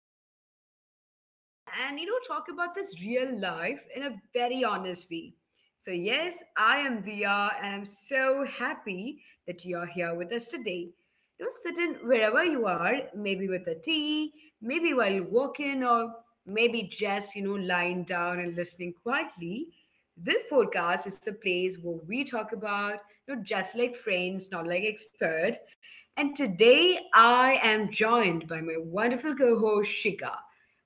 down, breathe, and talk about this real life in a very honest way. So, yes, I am Dia, and I'm so happy that you're here with us today. Sit in wherever you are, maybe with a tea, maybe while you're walking, or maybe just, lying down and listening quietly. This podcast is a place where we talk about, just like friends, not like expert. And today I am joined by my wonderful co-host Shika,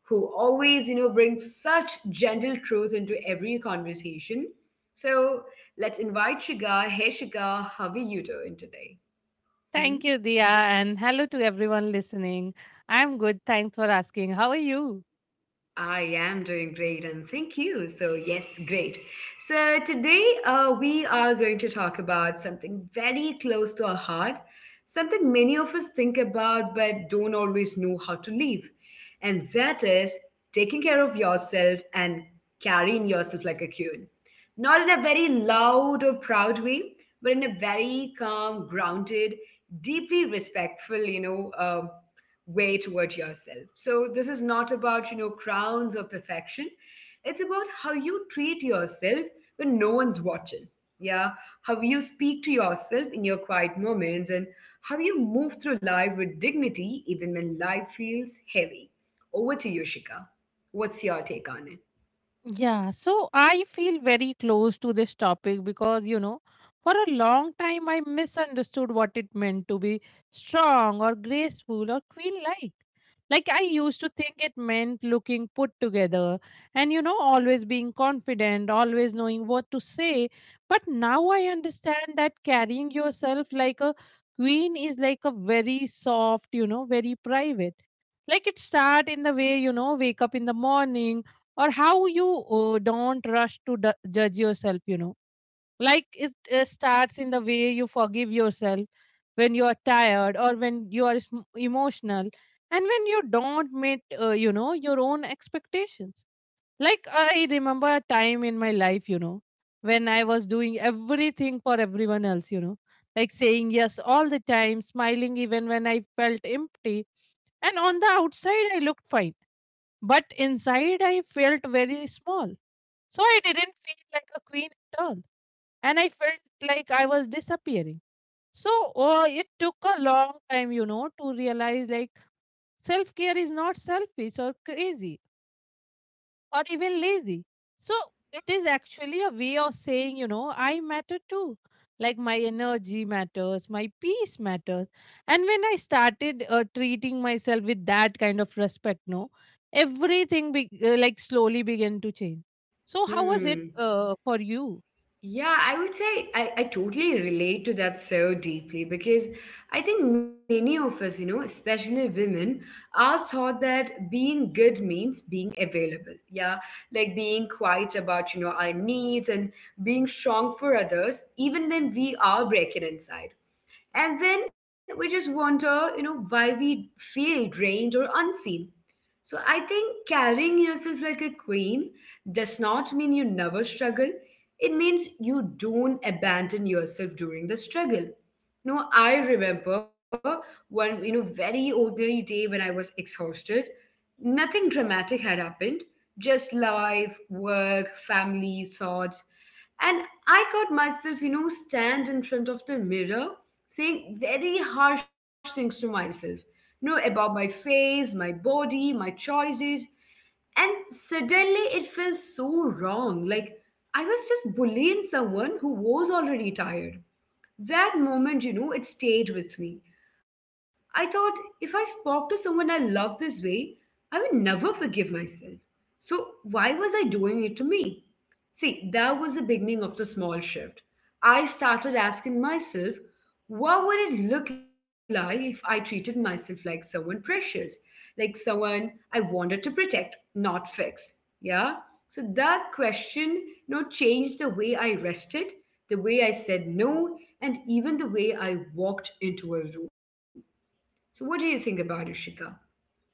who always, brings such gentle truth into every conversation. So let's invite Shika. Hey Shika, how are you doing today? Hmm? Thank you, Dia, and hello to everyone listening. I'm good. Thanks for asking. How are you? I am doing great and thank you. So, yes, great. So, today we are going to talk about something very close to our heart, something many of us think about but don't always know how to live. And that is taking care of yourself and carrying yourself like a queen. Not in a very loud or proud way, but in a very calm, grounded, deeply respectful, way toward yourself. So this is not about, crowns or perfection. It's about how you treat yourself when no one's watching. Yeah. How you speak to yourself in your quiet moments and how you move through life with dignity even when life feels heavy. Over to you, Shika. What's your take on it? Yeah, so I feel very close to this topic because, you know, for a long time I misunderstood what it meant to be strong or graceful or queen-like. Like I used to think it meant looking put together and, you know, always being confident, always knowing what to say. But now I understand that carrying yourself like a queen is like a very soft, you know, very private, like it start in the way you know wake up in the morning or how you don't rush to judge yourself, you know, like it starts in the way you forgive yourself when you are tired or when you are emotional and when you don't meet you know your own expectations. Like I remember a time in my life, you know, when I was doing everything for everyone else, you know, like saying yes all the time, smiling even when I felt empty. And on the outside, I looked fine, but inside, I felt very small. So I didn't feel like a queen at all. And I felt like I was disappearing. So it took a long time, you know, to realize like self care is not selfish or crazy or even lazy. So it is actually a way of saying, you know, I matter too. Like my energy matters, my peace matters. And when I started treating myself with that kind of respect, no, like slowly began to change. So how was it Hmm. For you? Yeah, I would say I totally relate to that so deeply because I think many of us, especially women, are taught that being good means being available. Yeah, like being quiet about, our needs and being strong for others, even when we are breaking inside. And then we just wonder, why we feel drained or unseen. So I think carrying yourself like a queen does not mean you never struggle. It means you don't abandon yourself during the struggle. No, I remember one, very ordinary day when I was exhausted. Nothing dramatic had happened, just life, work, family, thoughts. And I caught myself, stand in front of the mirror saying very harsh things to myself know about my face, my body, my choices. And suddenly it felt so wrong. Like I was just bullying someone who was already tired. That moment, it stayed with me. I thought if I spoke to someone I love this way, I would never forgive myself. So why was I doing it to me? See, that was the beginning of the small shift. I started asking myself, what would it look like if I treated myself like someone precious, like someone I wanted to protect, not fix? Yeah. So that question, changed the way I rested, the way I said no, and even the way I walked into a room. So what do you think about it, Shika? Yeah?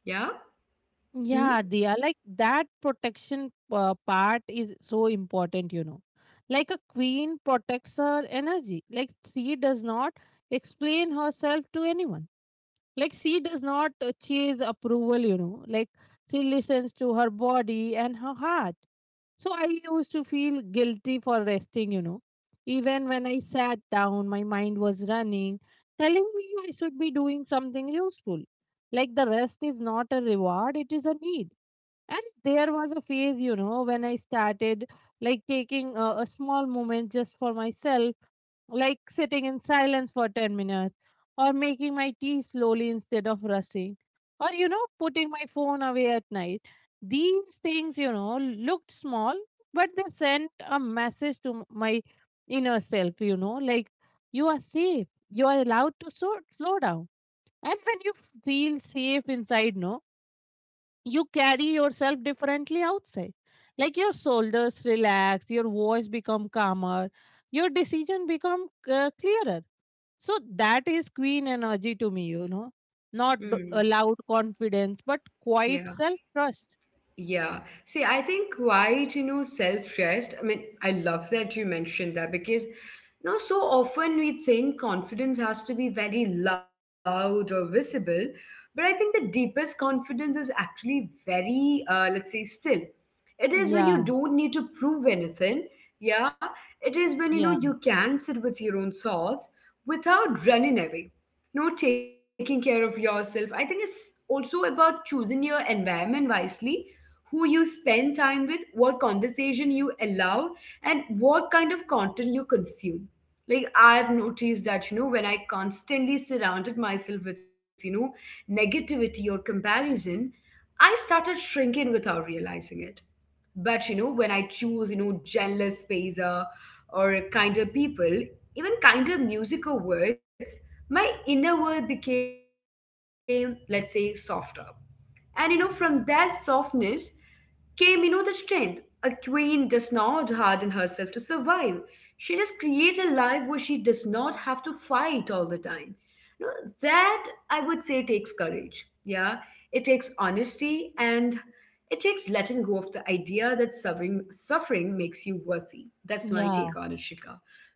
Hmm? Yeah, Diya, like that protection part is so important, you know. Like a queen protects her energy. Like she does not explain herself to anyone. Like she does not chase approval, you know. Like she listens to her body and her heart. So I used to feel guilty for resting, you know, even when I sat down my mind was running telling me I should be doing something useful. Like the rest is not a reward, it is a need. And there was a phase, you know, when I started like taking a small moment just for myself, like sitting in silence for 10 minutes, or making my tea slowly instead of rushing, or you know, putting my phone away at night. These things, you know, looked small, but they sent a message to my inner self, you know, like you are safe, you are allowed to slow down. And when you feel safe inside, no, you carry yourself differently outside. Like your shoulders relax, your voice become calmer, your decision become clearer. So that is queen energy to me, you know, not Hmm. a loud confidence, but quiet Yeah. self trust. Yeah. See, I think quite, self-trust. I mean, I love that you mentioned that because, so often we think confidence has to be very loud or visible, but I think the deepest confidence is actually very, let's say, still. It is when you Yeah, don't need to prove anything. Yeah. It is when you know yeah, you can sit with your own thoughts without running away. Taking care of yourself. I think it's also about choosing your environment wisely, who you spend time with, what conversation you allow, and what kind of content you consume. Like I've noticed that, when I constantly surrounded myself with, negativity or comparison, I started shrinking without realizing it. But when I choose jealous spacer or kinder people, even kinder music or words, my inner world became, let's say, softer. And from that softness came, the strength. A queen does not harden herself to survive. She just creates a life where she does not have to fight all the time. No, that I would say takes courage. Yeah, it takes honesty and it takes letting go of the idea that suffering makes you worthy. That's my take on it, yeah, Shika.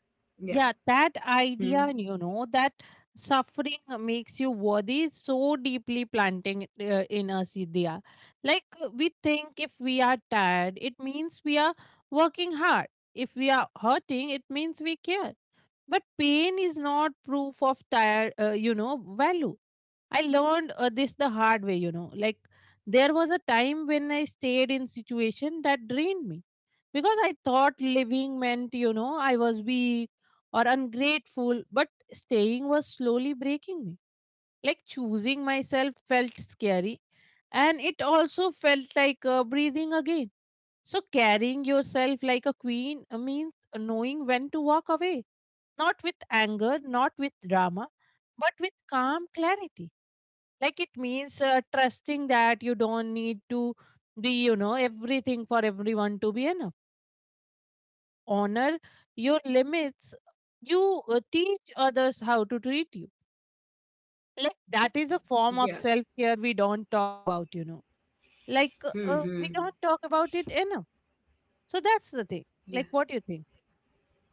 Yeah. yeah. That Hmm. idea, and you know, that suffering makes you worthy is so deeply planting in us, Vidya. Like we think if we are tired, it means we are working hard. If we are hurting, it means we care. But pain is not proof of tired, you know, value. I learned this the hard way, you know. Like there was a time when I stayed in situation that drained me because I thought living meant, you know, I was weak or ungrateful, but staying was slowly breaking me. Like choosing myself felt scary, and it also felt like breathing again. So carrying yourself like a queen means knowing when to walk away, not with anger, not with drama, but with calm clarity. Like it means trusting that you don't need to be, you know, everything for everyone to be enough. Like when you honor your limits, you teach others how to treat you. Like Hmm. that is a Yeah. form of self care we don't talk about, you know, like Hmm. Hmm. we don't talk about it enough. So that's the thing, Yeah. like what do you think?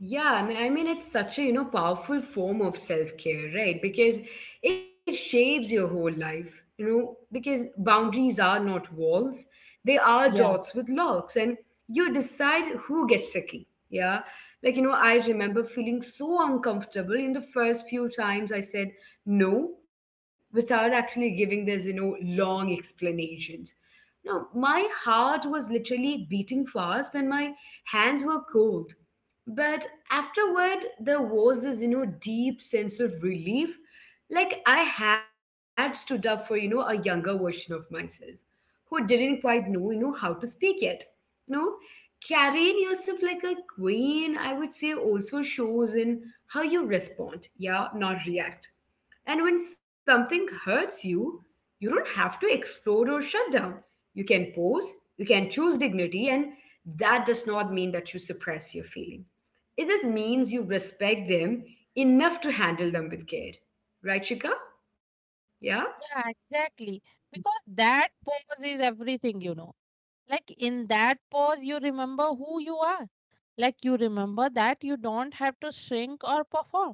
Yeah, I mean, it's such a powerful form of self care, right? Because it shapes your whole life, you know. Because boundaries are not walls; they are Yeah. dots with locks, and you decide who gets the key. Yeah, like I remember feeling so uncomfortable in the first few times I said no without actually giving this long explanations. No, my heart was literally beating fast, and my hands were cold, but afterward, there was this, deep sense of relief. Like I had stood up for, a younger version of myself who didn't quite know, how to speak yet. You know, Carrying yourself like a queen, I would say, also shows in how you respond, yeah, not react. And when something hurts you, you don't have to explode or shut down. You can pause, you can choose dignity, and that does not mean that you suppress your feeling. It just means you respect them enough to handle them with care. Right, Chika? Yeah? Yeah, exactly, because that pause is everything, you know. Like in that pause you remember who you are. Like you remember that you don't have to shrink or perform.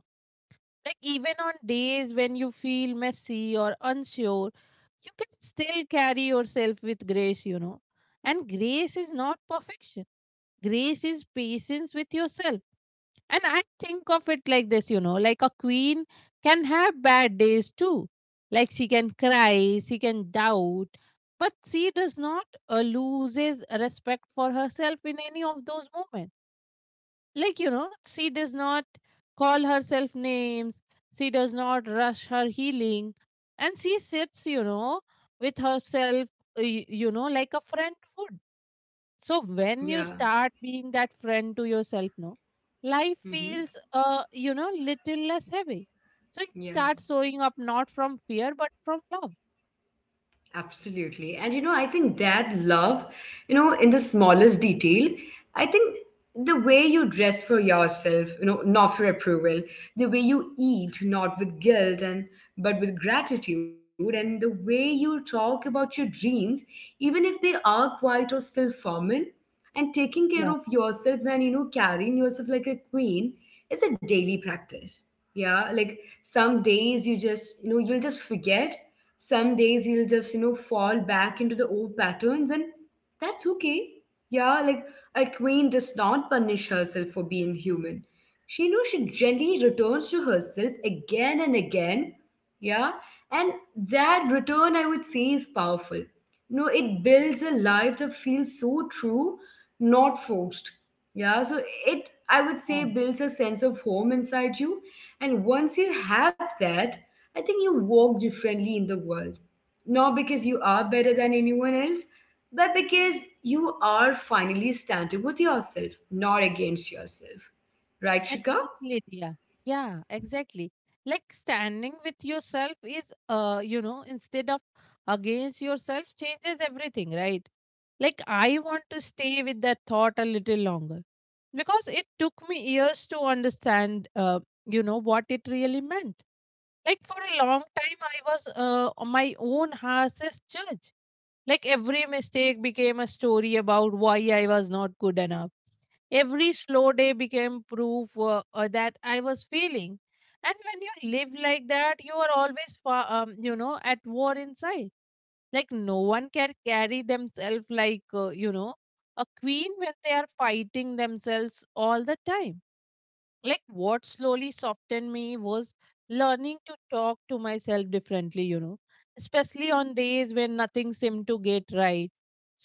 Like even on days when you feel messy or unsure, you can still carry yourself with grace, you know. And grace is not perfection, grace is patience with yourself. And I think of it like this, you know, like a queen can have bad days too. Like she can cry, she can doubt, but she does not loses respect for herself in any of those moments. Like, you know, she does not call herself names, she does not rush her healing, and she sits, you know, with herself you know like a friend would. So when you Yeah. start being that friend to yourself, no, life Hmm. feels you know little less heavy. So you Yeah. start showing up not from fear but from love. Absolutely. And I think that love, in the smallest detail, I think the way you dress for yourself, not for approval, the way you eat, not with guilt and but with gratitude, and the way you talk about your dreams, even if they are quiet or still formal, and taking care of Yeah, yourself and carrying yourself like a queen is a daily practice. Yeah, like some days you just you'll just forget. Some days you'll just, fall back into the old patterns, and that's okay. Yeah, like a queen does not punish herself for being human. She, she gently returns to herself again and again. Yeah, and that return, I would say, is powerful. No, it builds a life that feels so true, not forced. Yeah, so it, I would say, builds a sense of home inside you. And once you have that, I think you walk differently in the world, not because you are better than anyone else, but because you are finally standing with yourself, not against yourself. Right, Shika? exactly, Dia. Yeah, exactly. Like standing with yourself is, you know, instead of against yourself changes everything, right? Like I want to stay with that thought a little longer because it took me years to understand, you know, what it really meant. Like for a long time, I was my own harshest judge. Like every mistake became a story about why I was not good enough. Every slow day became proof that I was failing. And when you live like that, you are always, you know, at war inside. Like no one can carry themselves like, you know, a queen when they are fighting themselves all the time. Like what slowly softened me was learning to talk to myself differently, you know, especially on days when nothing seemed to get right.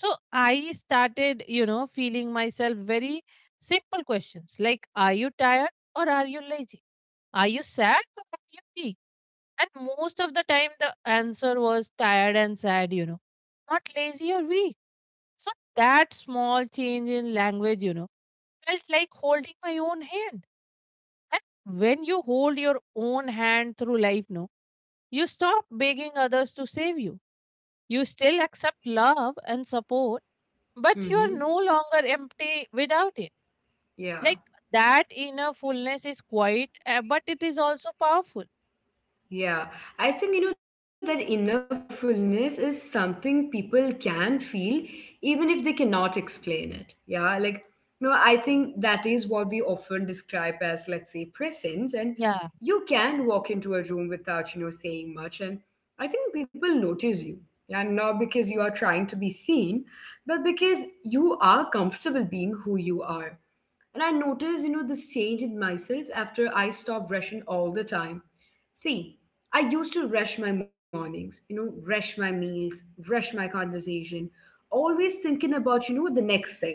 So I started, you know, feeling myself very simple questions like are you tired or are you lazy, are you sad or are you weak. And most of the time the answer was tired and sad, you know, not lazy or weak. So that small change in language, you know, felt like holding my own hand. And when you hold your own hand through life, no, you stop begging others to save you. You still accept love and support, but you are Mm-hmm. no longer empty without it. Like Yeah. that inner fullness is quiet, but it is also powerful. Yeah, I think that inner fullness is something people can feel even if they cannot explain it. Yeah, like I think that is what we often describe as, let's say, presence, and Yeah, you can walk into a room without saying much, and I think people notice you. Yeah, not because you are trying to be seen, but because you are comfortable being who you are. And I noticed, this change in myself after I stopped rushing all the time. See, I used to rush my mornings, rush my meals, rush my conversation, always thinking about, the next thing.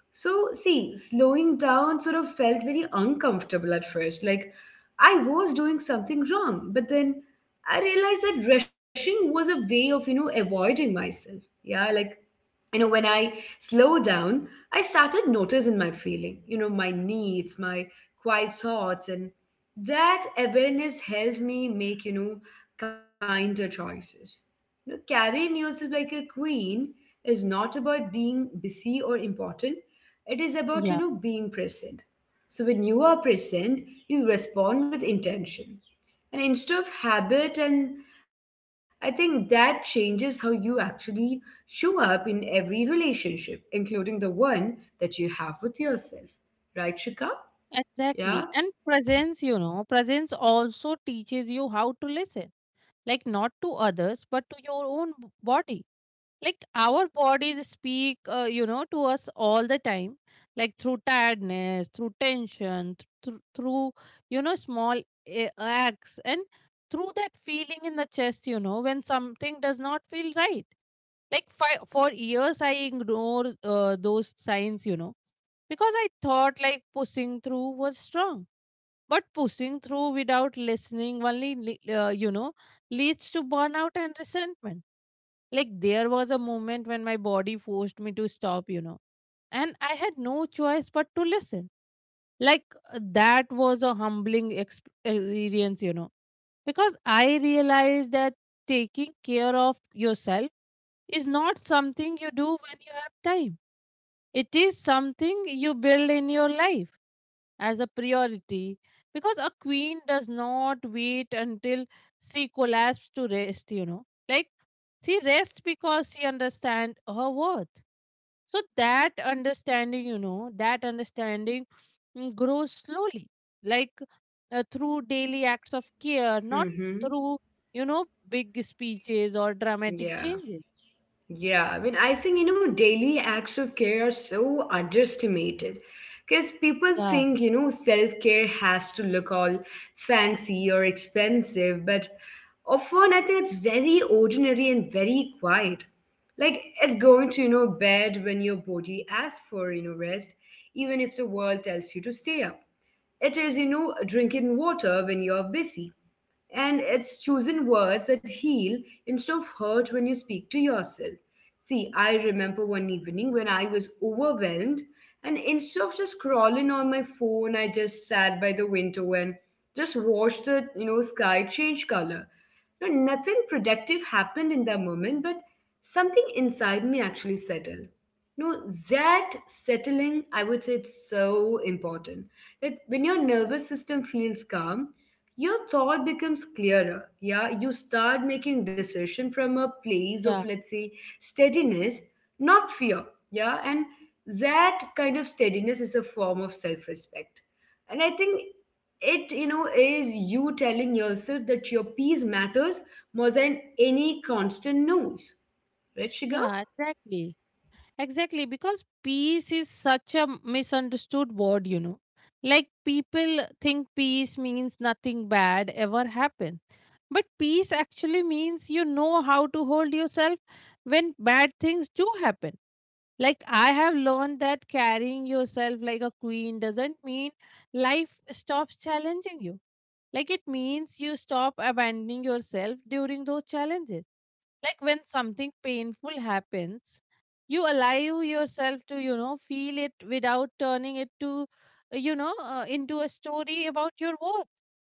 So, see, slowing down sort of felt very uncomfortable at first. Like I was doing something wrong, but then I realized that rushing was a way of, avoiding myself. Yeah, like when I slow down I started noticing my feeling, my needs, my quiet thoughts. And that awareness helped me make, kinder choices. Carrying yourself like a queen is not about being busy or important. It is about, yeah, being present. So when you are present, you respond with intention and instead of habit. And I think that changes how you actually show up in every relationship, including the one that you have with yourself. Right, Shika? Yeah. exactly. And presence, you know, presence also teaches you how to listen, like not to others, but to your own body. Like our bodies speak you know to us all the time, like through tiredness, through tension, through you know small acts, and through that feeling in the chest, you know, when something does not feel right. Like for years I ignored those signs, you know, because I thought like pushing through was strong, but pushing through without listening only you know leads to burnout and resentment. Like there was a moment when my body forced me to stop, you know, and I had no choice but to listen. Like that was a humbling experience, you know, because I realized that taking care of yourself is not something you do when you have time. It is something you build in your life as a priority, because a queen does not wait until she collapses to rest, you know. Like she rests because she understands her worth. So that understanding, you know, that understanding grows slowly, like through daily acts of care, not Mm-hmm. through, you know, big speeches or dramatic Yeah. changes. Yeah, I think, daily acts of care are so underestimated because people Yeah, think, self care has to look all fancy or expensive, but often I think it's very ordinary and very quiet. Like, it's going to, bed when your body asks for, rest, even if the world tells you to stay up. It is, drinking water when you're busy and it's chosen words that heal instead of hurt when you speak to yourself. See, I remember one evening when I was overwhelmed, and instead of just scrolling on my phone, I just sat by the window and just watched the sky change color. No, nothing productive happened in that moment, but something inside me actually settled. No, that settling, I would say it's so important. That when your nervous system feels calm, your thought becomes clearer, yeah, you start making decision from a place of, yeah. let's say, steadiness, not fear. Yeah, and that kind of steadiness is a form of self-respect, and I think it is you telling yourself that your peace matters more than any constant noise, right, Shiga? Yeah, exactly. Exactly. Because peace is such a misunderstood word, you know. Like people think peace means nothing bad ever happens, but peace actually means you know how to hold yourself when bad things do happen. Like I have learned that carrying yourself like a queen doesn't mean life stops challenging you. Like it means you stop abandoning yourself during those challenges. Like when something painful happens you allow yourself to, you know, feel it without turning it to into a story about your worth.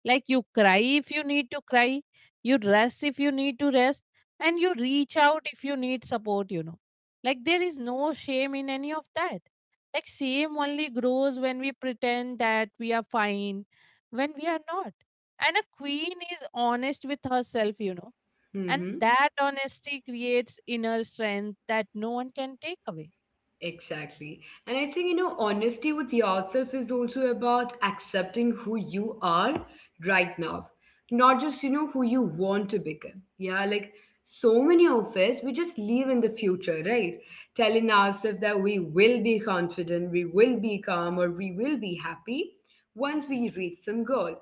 Like you cry if you need to cry, you rest if you need to rest, and you reach out if you need support, you know. Like there is no shame in any of that. Like shame only grows when we pretend that we are fine when we are not. And a queen is honest with herself, you know. And Mm-hmm. that honesty creates inner strength that no one can take away. Exactly. And I think, you know, honesty with yourself is also about accepting who you are right now, not just, you know, who you want to become. Yeah, like so many of us, we just live in the future, right? Telling ourselves that we will be confident, we will be calm, or we will be happy once we reach some goal.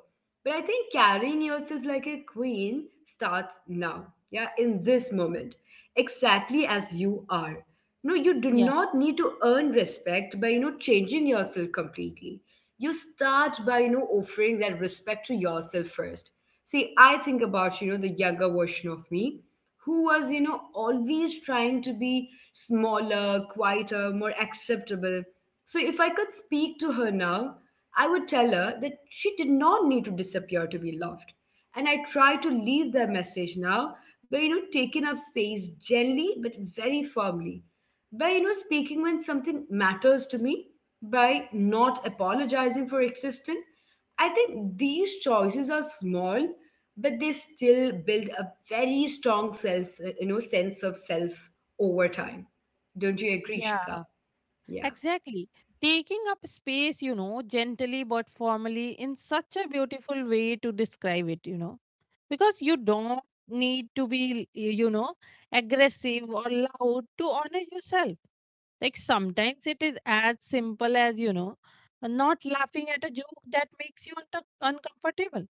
But I think carrying yourself like a queen starts now, yeah, in this moment, exactly as you are. No, you do Yeah, not need to earn respect by, you know, changing yourself completely. You start by, you know, offering that respect to yourself first. See, I think about, you know, the younger version of me, who was, you know, always trying to be smaller, quieter, more acceptable. So if I could speak to her now, I would tell her that she did not need to disappear to be loved. And I try to leave that message now by, you know, taking up space gently but very firmly, by, you know, speaking when something matters to me, by not apologizing for existing. I think these choices are small, but they still build a very strong sense you know sense of self over time. Don't you agree, yeah, Shika? Yeah, exactly. Taking up space, you know, gently but formally in such a beautiful way to describe it, you know, because you don't need to be, you know, aggressive or loud to honor yourself. Like sometimes it is as simple as, you know, not laughing at a joke that makes you uncomfortable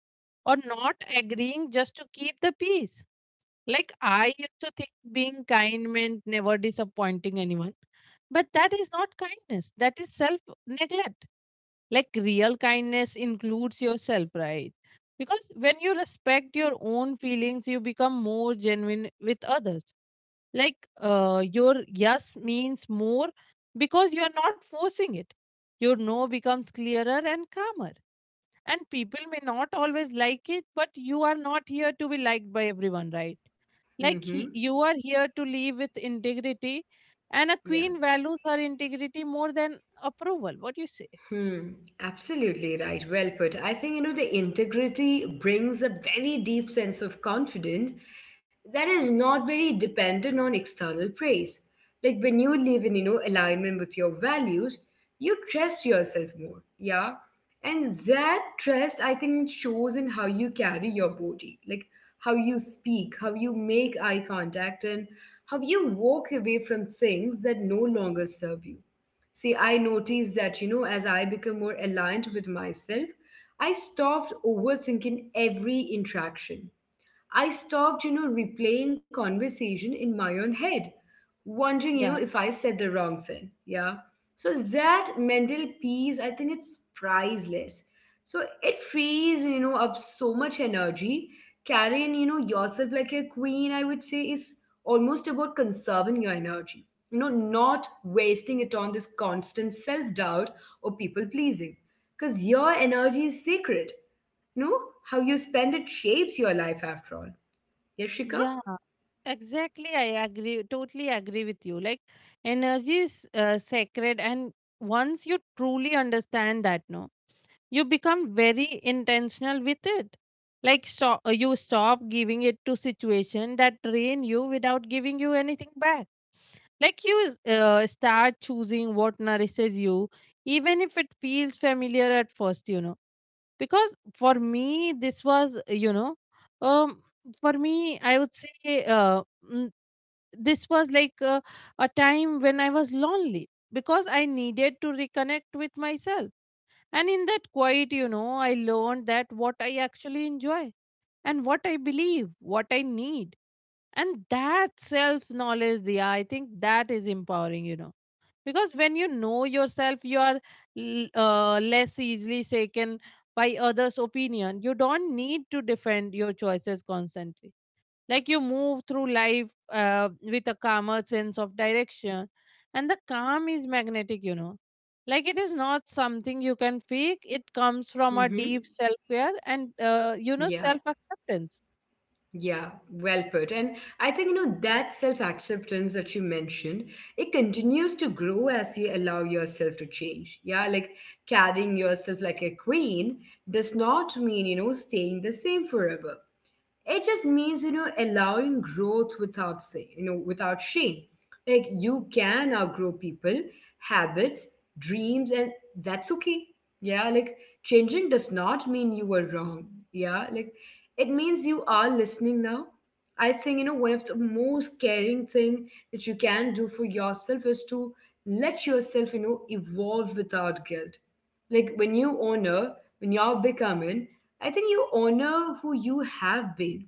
or not agreeing just to keep the peace. Like I used to think being kind meant never disappointing anyone. But that is not kindness. That is self neglect. Like real kindness includes yourself, right? Because when you respect your own feelings, you become more genuine with others. Like your yes means more because you are not forcing it. Your no becomes clearer and calmer. And people may not always like it, but you are not here to be liked by everyone, right? Like he, mm-hmm. you are here to live with integrity, and a Yeah. queen values her integrity more than approval. What do you say? Hmm, absolutely right. Well put. I think, you know, the integrity brings a very deep sense of confidence that is not very dependent on external praise. Like when you live in, you know, alignment with your values, you trust yourself more. Yeah. And that trust, I think, shows in how you carry your body, like how you speak, how you make eye contact, and how you walk away from things that no longer serve you. See, I noticed that, you know, as I become more aligned with myself, I stopped overthinking every interaction. I stopped, you know, replaying conversation in my own head, wondering, you know, Yeah. if I said the wrong thing. Yeah. So that mental peace, I think it's priceless. So it frees, you know, up so much energy. Carrying, you know, yourself like a queen, I would say, is almost about conserving your energy. You know, not wasting it on this constant self doubt or people pleasing. Because your energy is sacred. You know, how you spend it shapes your life after all. Yashika? Yeah, exactly. I agree, totally agree with you. Like, energy is sacred, and once you truly understand that, no, you become very intentional with it. Like, you stop giving it to situation that drain you without giving you anything back. Like you start choosing what nourishes you even if it feels familiar at first, you know. Because for me this was you know um for me I would say mm, this was like a time when I was lonely because I needed to reconnect with myself. And in that quiet, you know, I learned that what I actually enjoy and what I believe, what I need. And that self knowledge, yeah, I think that is empowering, you know. Because when you know yourself, you are less easily shaken by others' opinion. You don't need to defend your choices constantly. Like you move through life with a calmer sense of direction. And the calm is magnetic, you know. Like it is not something you can fake, it comes from a Mm-hmm. deep self care and, you know, Yeah, self acceptance. yeah, well put. And I think, you know, that self acceptance that you mentioned, it continues to grow as you allow yourself to change. Yeah, like carrying yourself like a queen does not mean, you know, staying the same forever. It just means, you know, allowing growth without, say, you know, without shame. Like you can outgrow people, habits, dreams, and that's okay. Yeah, like changing does not mean you were wrong. Yeah, like it means you are listening now. I think, you know, one of the most caring thing that you can do for yourself is to let yourself, you know, evolve without guilt. Like when you honor when you're becoming, I think you honor who you have been.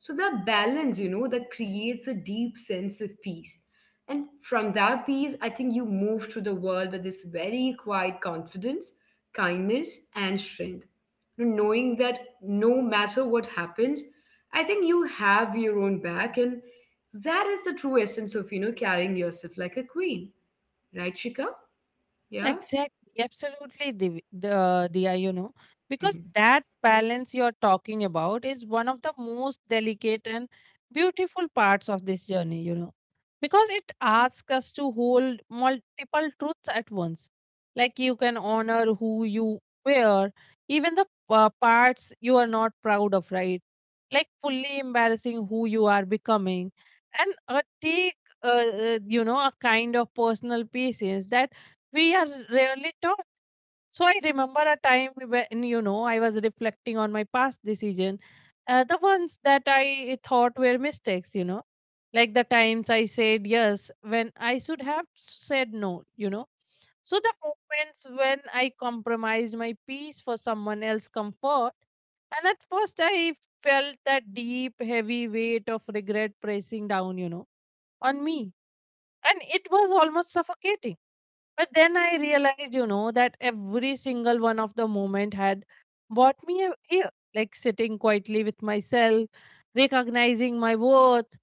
So that balance, you know, that creates a deep sense of peace. And from that peace, I think you move through the world with this very quiet confidence, kindness, and strength. Knowing that no matter what happens, I think you have your own back. And that is the true essence of, you know, carrying yourself like a queen. Right, Shika? Yeah? Exactly, absolutely, Div- the you know, because Mhm. that balance you're talking about is one of the most delicate and beautiful parts of this journey, you know, because it asks us to hold multiple truths at once. Like you can honor who you were, even the parts you are not proud of, right? Like fully embarrassing who you are becoming, and take you know, a kind of personal patience that we are rarely taught. So I remember a time when, you know, I was reflecting on my past decision, the ones that I thought were mistakes. You know, like the times I said yes when I should have said no. You know, so the moments when I compromised my peace for someone else's comfort, and at first I felt that deep, heavy weight of regret pressing down. You know, on me, and it was almost suffocating, but then I realized, you know, that every single one of the moment had brought me here, like sitting quietly with myself, recognizing my worth,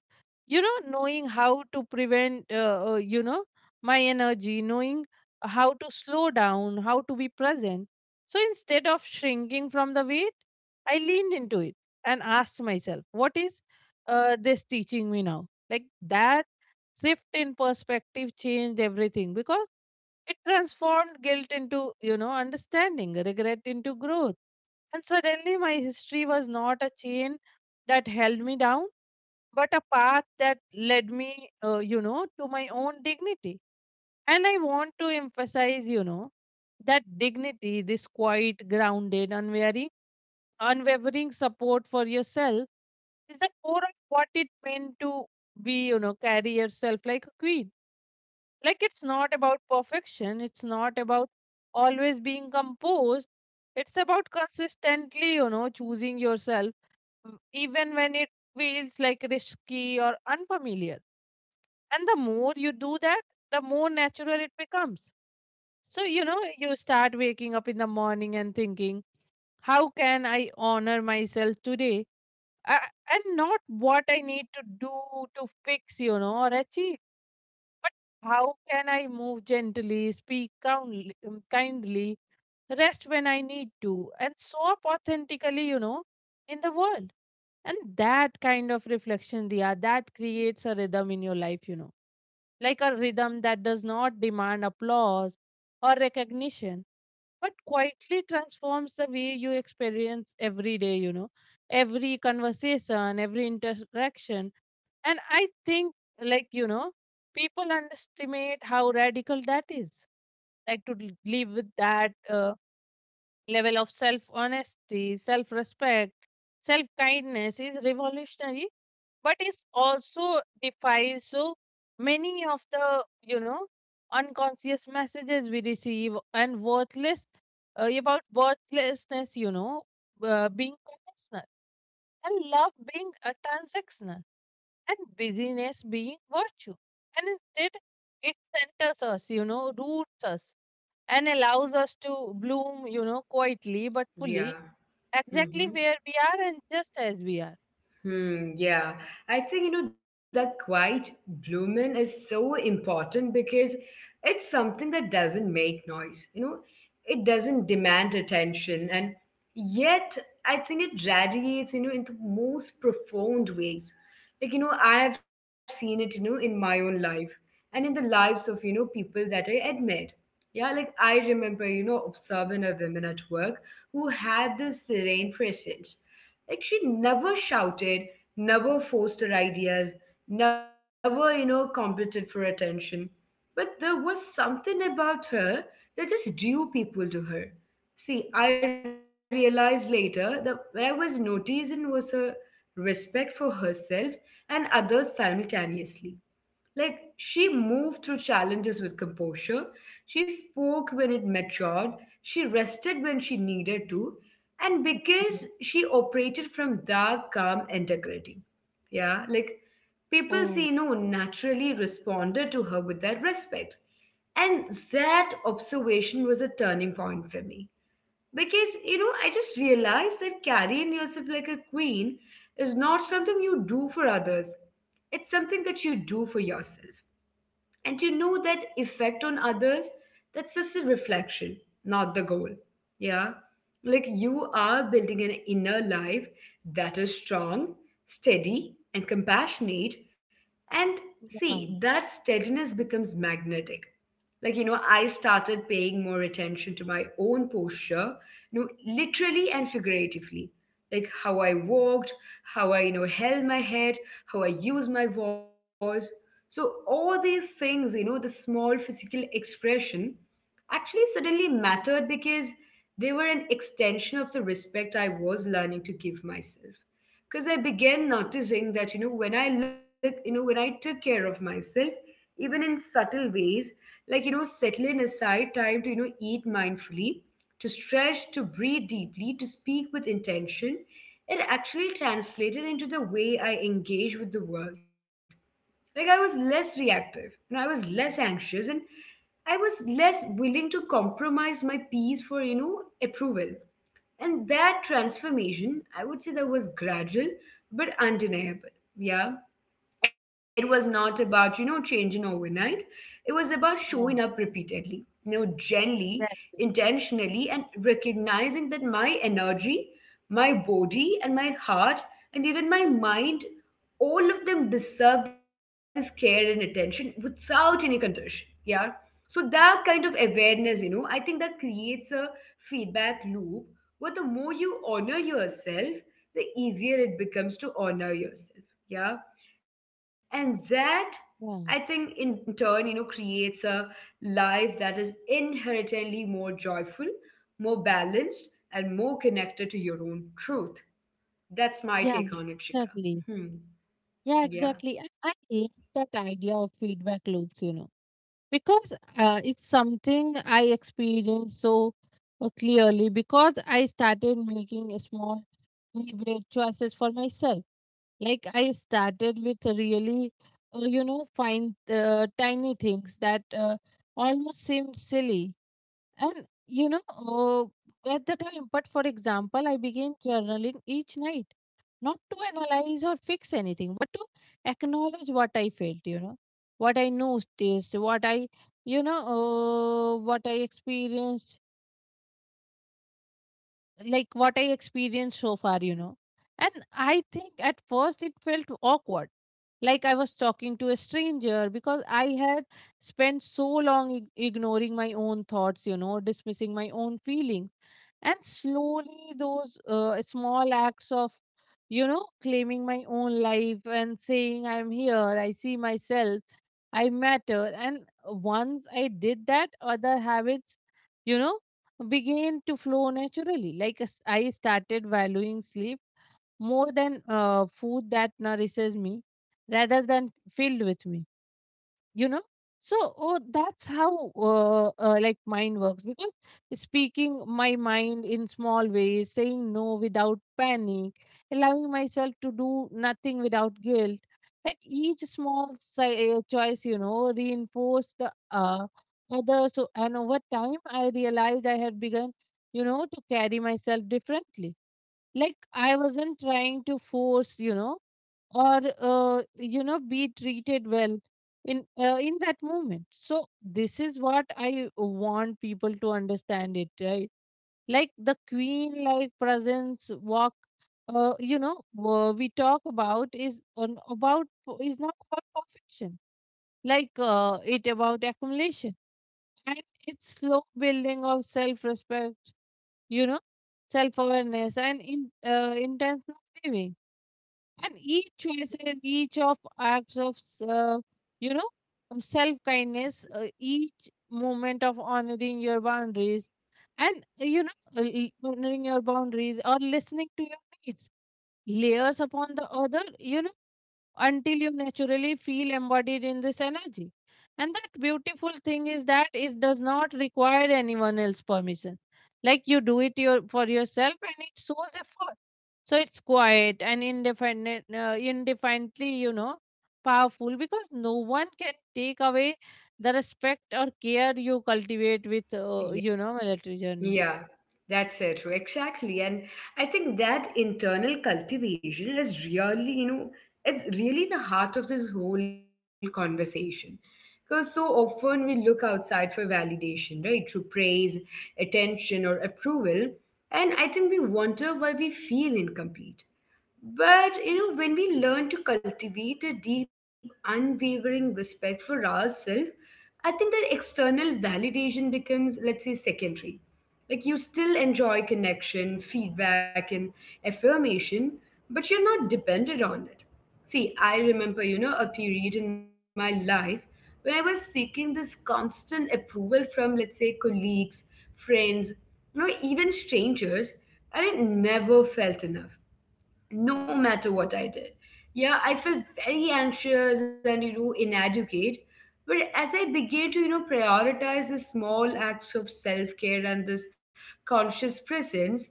you know, knowing how to prevent, you know, my energy, knowing how to slow down, how to be present. So instead of shrinking from the weight, I leaned into it and asked myself, what is this teaching me now? Like that shift in perspective changed everything because it transformed guilt into, you know, understanding, regret into growth. And suddenly my history was not a chain that held me down, but a path that led me, you know, to my own dignity. And I want to emphasize, you know, that dignity, this quiet, grounded, unwavering support for yourself is the core of what it meant to be, you know, carry yourself like a queen. Like it's not about perfection, it's not about always being composed. It's about consistently, you know, choosing yourself even when it feels like risky or unfamiliar. And the more you do that, the more natural it becomes. So, you know, you start waking up in the morning and thinking, how can I honor myself today? I, and not what I need to do to fix, you know, or achieve. How can I move gently, speak kindly, rest when I need to, and show up authentically, you know, in the world? And that kind of reflection, Diya, that creates a rhythm in your life, you know, like a rhythm that does not demand applause or recognition but quietly transforms the way you experience every day, you know, every conversation, every interaction. And I think, like, you know, people underestimate how radical that is. Like, to live with that level of self honesty, self respect, self kindness is revolutionary, but it also defies so many of the, you know, unconscious messages we receive and worthless about worthlessness, you know, being conditional, and love being a transactional, and busyness being virtue. And instead it centers us, you know, roots us and allows us to bloom, you know, quietly but Yeah. fully, exactly where we are and just as we are. Hmm, yeah. I think, you know, that quiet blooming is so important because it's something that doesn't make noise, you know, it doesn't demand attention. And yet, I think it radiates, you know, in the most profound ways. Like, you know, I have seen it, you know, in my own life and in the lives of, you know, people that I admire. Yeah, like I remember, you know, observing a woman at work who had this serene presence. Like she never shouted, never forced her ideas, never, you know, competed for attention. But there was something about her that just drew people to her. See, I realized later that what I was noticing was her respect for herself and others simultaneously. Like, she moved through challenges with composure. She spoke when it matured. She rested when she needed to. And because Okay. she operated from that calm integrity. Yeah, like people see, you Oh, know, naturally responded to her with that respect. And that observation was a turning point for me because, you know, I just realized that carrying yourself like a queen is not something you do for others, it's something that you do for yourself, and to know that effect on others, that's just a reflection, not the goal. Yeah, like you are building an inner life that is strong, steady, and compassionate. And see, that steadiness becomes magnetic. Like, you know, I started paying more attention to my own posture, you know, literally and figuratively. Like how I walked, how I, you know, held my head, how I used my voice. So all these things, you know, the small physical expression actually suddenly mattered because they were an extension of the respect I was learning to give myself. Because I began noticing that, you know, when I took care of myself, even in subtle ways, like, you know, settling aside time to, you know, eat mindfully, to stretch, to breathe deeply, to speak with intention, it actually translated into the way I engage with the world. Like I was less reactive, you know, I was less anxious, and I was less willing to compromise my peace for, you know, approval. And that transformation, I would say that was gradual but undeniable. Yeah, it was not about, you know, changing overnight. It was about yeah, showing up repeatedly, you know, gently, yeah. intentionally, and recognizing that my energy, my body, and my heart, and even my mind, all of them deserve this care and attention without any condition. Yeah, so that kind of awareness, you know, I think that creates a feedback loop where the more you honor yourself, the easier it becomes to honor yourself. Yeah, and that, I think, Yeah, in turn, you know, creates a life that is inherently more joyful, more balanced, and more connected to your own truth. That's my yeah, take on it, Shika. exactly. Hmm. Yeah, Yeah. exactly. And I hate that idea of feedback loops, you know, because it's something I experienced so clearly because I started making a small deliberate choices for myself. Like I started with really, you know, fine, tiny things that almost seemed silly. And, you know, at the time, but for example, I began journaling each night not to analyze or fix anything, but to acknowledge what I felt, you know, what I noticed, what I, you know, what I experienced, like what I experienced so far, you know. And I think at first it felt awkward, like I was talking to a stranger because I had spent so long ignoring my own thoughts, you know, dismissing my own feelings. And slowly those small acts of, you know, claiming my own life and saying I'm here, I see myself, I matter. And once I did that, other habits, you know, began to flow naturally, like as I started valuing sleep more than food that nourishes me rather than filled with me, you know. So oh, that's how like mind works, because speaking my mind in small ways, saying no without panic, allowing myself to do nothing without guilt, like each small choice, you know, reinforce the other. So, and over time I realized I had begun, you know, to carry myself differently. Like I wasn't trying to force, you know, or you know, be treated well in that moment. So this is what I want people to understand it, right? Like the queen like presence walk, you know, we talk about is on about is not about perfection. Like it about accumulation, and it's slow building of self respect, you know, self awareness and in intentional living. And each choices, each of acts of uh, you know, self kindness, each moment of honoring your boundaries and, you know, honoring your boundaries or listening to your needs layers upon the other, you know, until you naturally feel embodied in this energy. And that beautiful thing is that it does not require anyone else's permission. Like you do it your, for yourself and it shows effort. So it's quiet and indefinite, indefinitely, you know, powerful because no one can take away the respect or care you cultivate with, you know, military journey. Yeah, that's it true. Exactly. And I think that internal cultivation is really, you know, it's really the heart of this whole conversation. Because so often we look outside for validation, right? Through praise, attention, or approval. And I think we wonder why we feel incomplete. But you know, when we learn to cultivate a deep, unwavering respect for ourselves, I think that external validation becomes, let's say, secondary. Like you still enjoy connection, feedback, and affirmation, but you're not dependent on it. See, I remember, you know, a period in my life when I was seeking this constant approval from, let's say, colleagues, friends, you know, even strangers, and it never felt enough no matter what I did. Yeah, I felt very anxious and, you know, inadequate. But as I began to, you know, prioritize the small acts of self care and this conscious presence,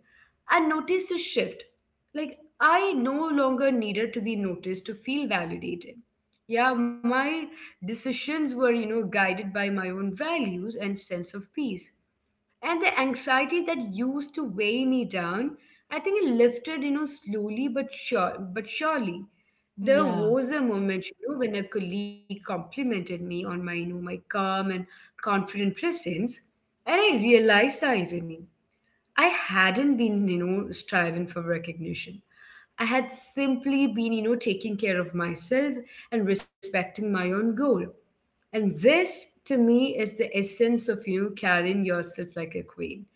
I noticed a shift. Like, I no longer needed to be noticed to feel validated. Yeah, my decisions were, you know, guided by my own values and sense of peace, and the anxiety that used to weigh me down, I think it lifted, you know, slowly but surely. There Yeah, was a moment, you know, when a colleague complimented me on my, you know, my calm and confident presence, and I realized the irony. I hadn't been, you know, striving for recognition. I had simply been, you know, taking care of myself and respecting my own goal. And this, to me, is the essence of you carrying yourself like a queen,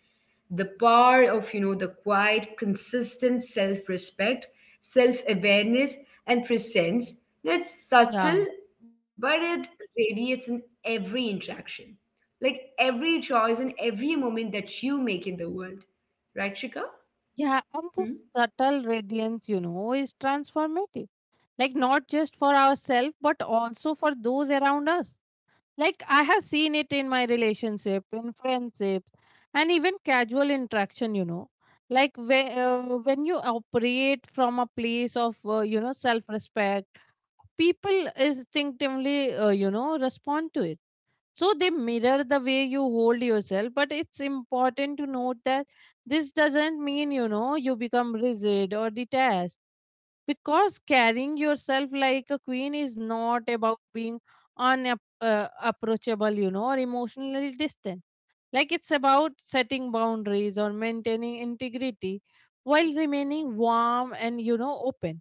the power of, you know, the quiet consistent self-respect, self-awareness, and presence. You know, it's yeah. subtle, but it radiates in every interaction, like every choice and every moment that you make in the world. Right, Shika? Yeah, and the Hmm? subtle radiance, you know, is transformative. Like not just for ourselves, but also for those around us. Like I have seen it in my relationship, in friendships, and even casual interaction, you know. Like when, when you operate from a place of, you know, self-respect, people instinctively, you know, respond to it. So they mirror the way you hold yourself, but it's important to note that this doesn't mean, you know, you become rigid or detached, because carrying yourself like a queen is not about being unapproachable approachable, you know, or emotionally distant. Like it's about setting boundaries or maintaining integrity while remaining warm and, you know, open.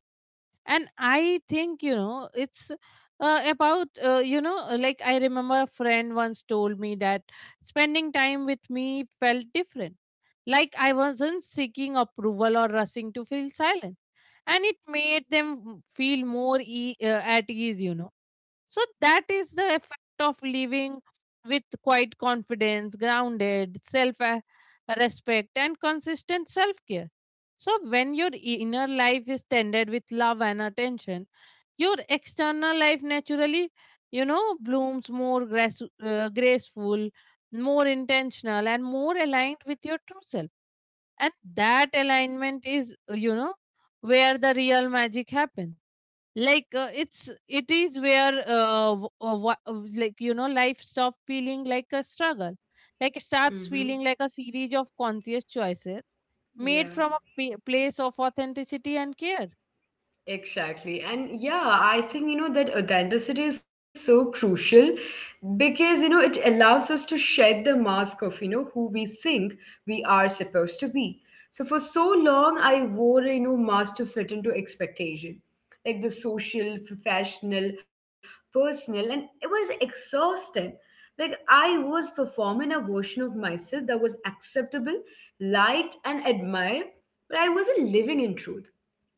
And I think, you know, it's about you know like I remember a friend once told me that spending time with me felt different, like I wasn't seeking approval or rushing to feel silent, and it made them feel more at ease, you know. So that is the effect of living with quiet confidence, grounded self respect, and consistent self care. So when your inner life is tended with love and attention, your external life naturally, you know, blooms more grace, graceful, more intentional, and more aligned with your true self. And that alignment is, you know, where the real magic happens. Like it is where like, you know, life stops feeling like a struggle. Like it starts Mm-hmm. feeling like a series of conscious choices made Yeah. from a place of authenticity and care. Exactly. And yeah, I think, you know, that authenticity is so crucial because, you know, it allows us to shed the mask of, you know, who we think we are supposed to be. So for so long, I wore a, you know, mask to fit into expectation, like the social, professional, personal, and it was exhausting. Like I was performing a version of myself that was acceptable, liked, and admired, but I wasn't living in truth.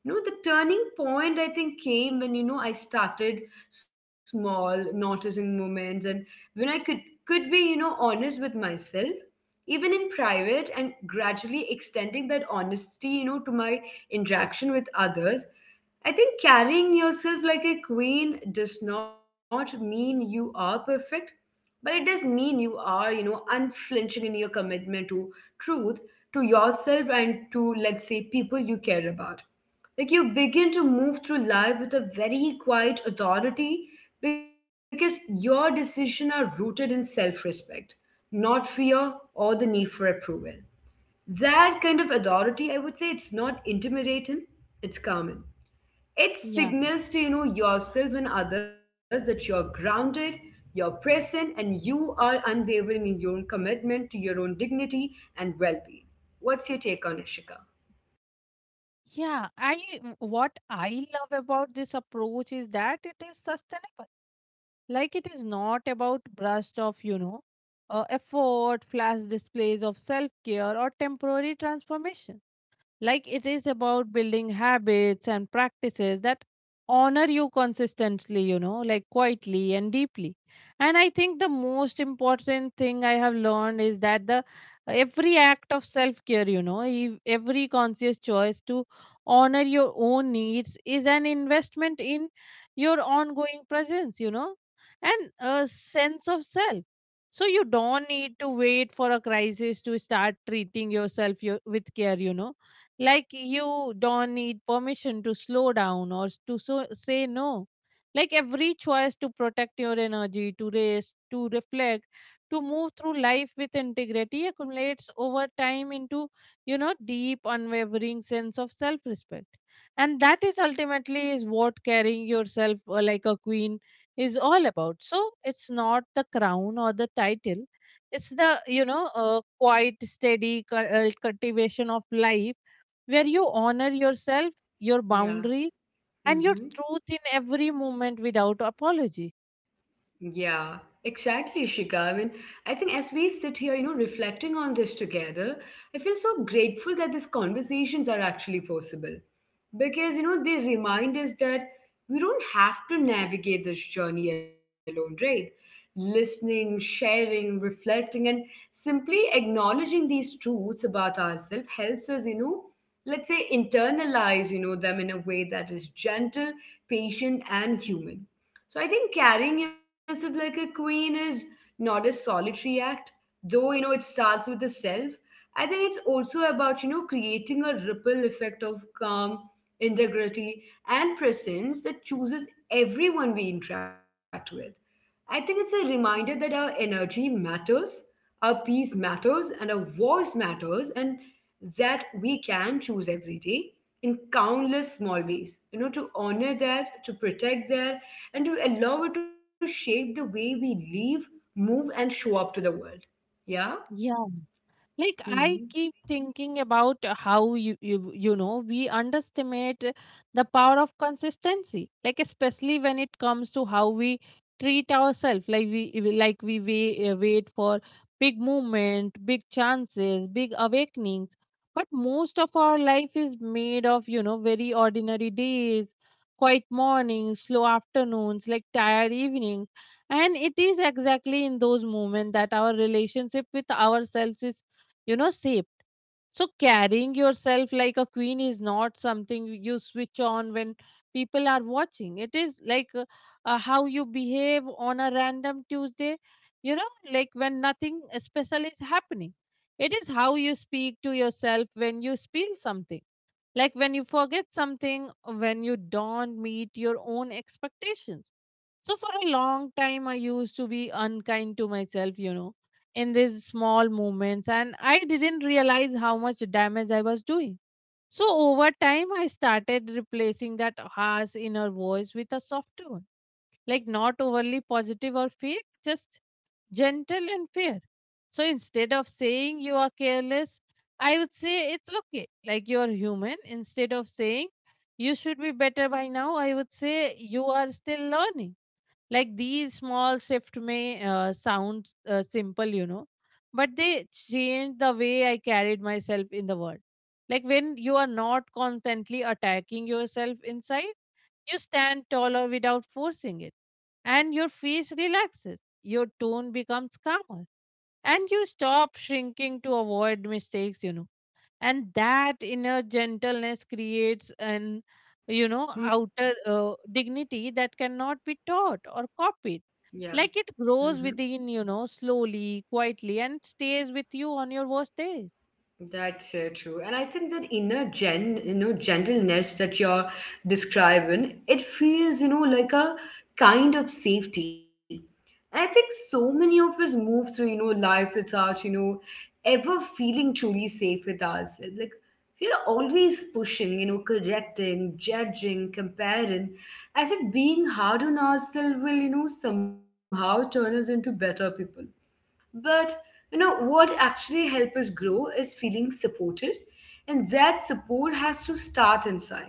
No, the turning point I think came when, you know, I started small, noticing moments, and when I could be, you know, honest with myself, even in private, and gradually extending that honesty, you know, to my interaction with others. I think carrying yourself like a queen does not mean you are perfect, but it does mean you are, unflinching in your commitment to truth, to yourself, and to, let's say, people you care about. Like you begin to move through life with a very quiet authority because your decisions are rooted in self respect, not fear or the need for approval. That kind of authority, I would say it's not intimidating, it's calming. It Yeah. signals to yourself and others that you're grounded, you're present, and you are unwavering in your own commitment to your own dignity and well-being. What's your take on it, Shika? Yeah, what I love about this approach is that it is sustainable. Like it is not about burst of, effort flash displays of self care or temporary transformation. Like it is about building habits and practices that honor you consistently, you know, like quietly and deeply. And I think the most important thing I have learned is that the every act of self care, you know, every conscious choice to honor your own needs is an investment in your ongoing presence, you know, and a sense of self. So you don't need to wait for a crisis to start treating yourself with care, you know, like you don't need permission to slow down or say no. Like every choice to protect your energy, to rest, to reflect, to move through life with integrity accumulates over time into, you know, deep unwavering sense of self respect. And that is ultimately is what carrying yourself, like a queen, is all about. So it's not the crown or the title, it's the, quiet, steady, cultivation of life where you honor yourself, your boundaries, Yeah. and your truth in every moment without apology. Yeah, exactly, Shika. I mean, I think as we sit here, reflecting on this together, I feel so grateful that these conversations are actually possible. Because, they remind us that we don't have to navigate this journey alone, right? Listening, sharing, reflecting, and simply acknowledging these truths about ourselves helps us, let's say internalize, them in a way that is gentle, patient, and human. So I think carrying yourself like a queen is not a solitary act, though, it starts with the self. I think it's also about, creating a ripple effect of calm, integrity, and presence that chooses everyone we interact with. I think it's a reminder that our energy matters, our peace matters, and our voice matters, and that we can choose every day in countless small ways. To honor that, to protect that, and to allow it to shape the way we live, move, and show up to the world. Yeah? Yeah, like I Hmm. keep thinking about, how you know we underestimate, the power of consistency, like especially when it comes to how we treat ourselves. Like we wait for big movement, big chances, big awakenings. But most of our life is made of, you know, very ordinary days, quiet mornings, slow afternoons, like tired evenings. And it is exactly in those moments that our relationship with ourselves is, you know, shaped. So carrying yourself like a queen is not something you switch on when people are watching. It is like, how you behave on a random Tuesday, you know, like when nothing special is happening. It is how you speak to yourself when you spill something, like when you forget something, when you don't meet your own expectations. So for a long time, I used to be unkind to myself, you know, in these small moments, and I didn't realize how much damage I was doing. So over time, I started replacing that harsh inner voice with a softer one, like not overly positive or fake, just gentle and fair. So instead of saying you are careless, I would say it's okay, like you're human. Instead of saying you should be better by now, I would say you are still learning. Like these small shifts may, sound, simple, you know, but they change the way I carried myself in the world. Like when you are not constantly attacking yourself inside, you stand taller without forcing it, and your face relaxes, your tone becomes calmer, and you stop shrinking to avoid mistakes, you know. And that inner gentleness creates an, you know outer dignity that cannot be taught or copied. Yeah. Like it grows within, you know, slowly, quietly, and stays with you on your worst days. That's so true. And I think that inner gentleness that you're describing, it feels, like a kind of safety. And I think so many of us move through, life without, ever feeling truly safe with ourselves. Like we're always pushing, correcting, judging, comparing, as if being hard on ourselves will, somehow turn us into better people. But you know what actually helps us grow is feeling supported, and that support has to start inside.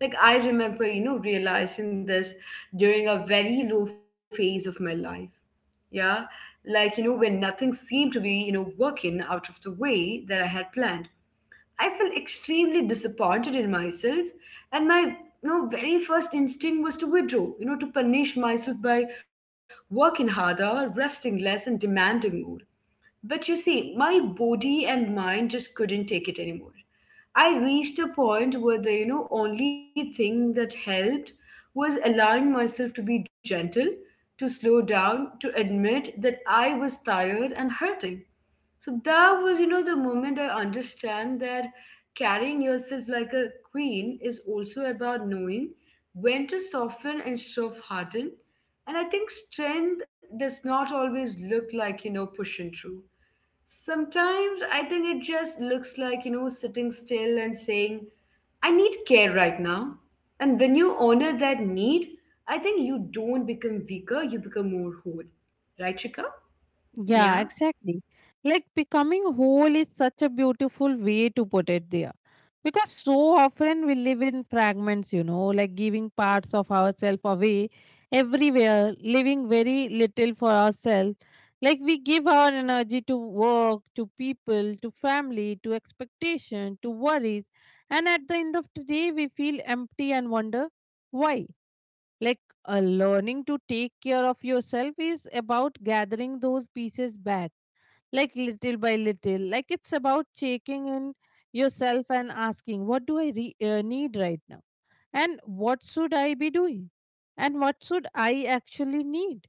Like I remember, realizing this during a very low phase of my life. Yeah, like when nothing seemed to be working out of the way that I had planned, I felt extremely disappointed in myself, and my very first instinct was to withdraw. To punish myself by working harder, resting less, and demanding more. But you see, my body and mind just couldn't take it anymore. I reached a point where the only thing that helped was allowing myself to be gentle, to slow down, to admit that I was tired and hurting. So that was the moment I understand that carrying yourself like a queen is also about knowing when to soften and soft harden. And I think strength does not always look like pushing through. Sometimes I think it just looks like, sitting still and saying, I need care right now. And when you honor that need, I think you don't become weaker, you become more whole. Right, Chika? Yeah, Yeah. exactly. Like becoming whole is such a beautiful way to put it there. Because so often we live in fragments, you know, like giving parts of ourselves away everywhere, leaving very little for ourselves. Like we give our energy to work, to people, to family, to expectation, to worries. And at the end of the day, we feel empty and wonder why. Like, learning to take care of yourself is about gathering those pieces back, like little by little. Like it's about checking in yourself and asking what do I need right now, and what should I be doing, and what should I actually need.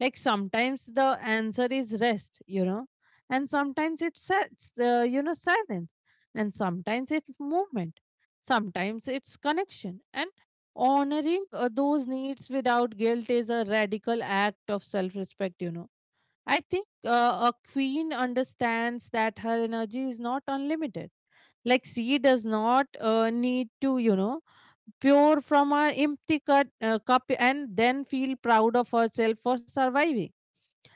Like sometimes the answer is rest, you know, and sometimes it's you know, silence, and sometimes it's movement, sometimes it's connection. And honoring, those needs without guilt is a radical act of self respect, you know. I think, a queen understands that her energy is not unlimited. Like she does not, need to, you know, pure from a empty cup and then feel proud of herself for surviving.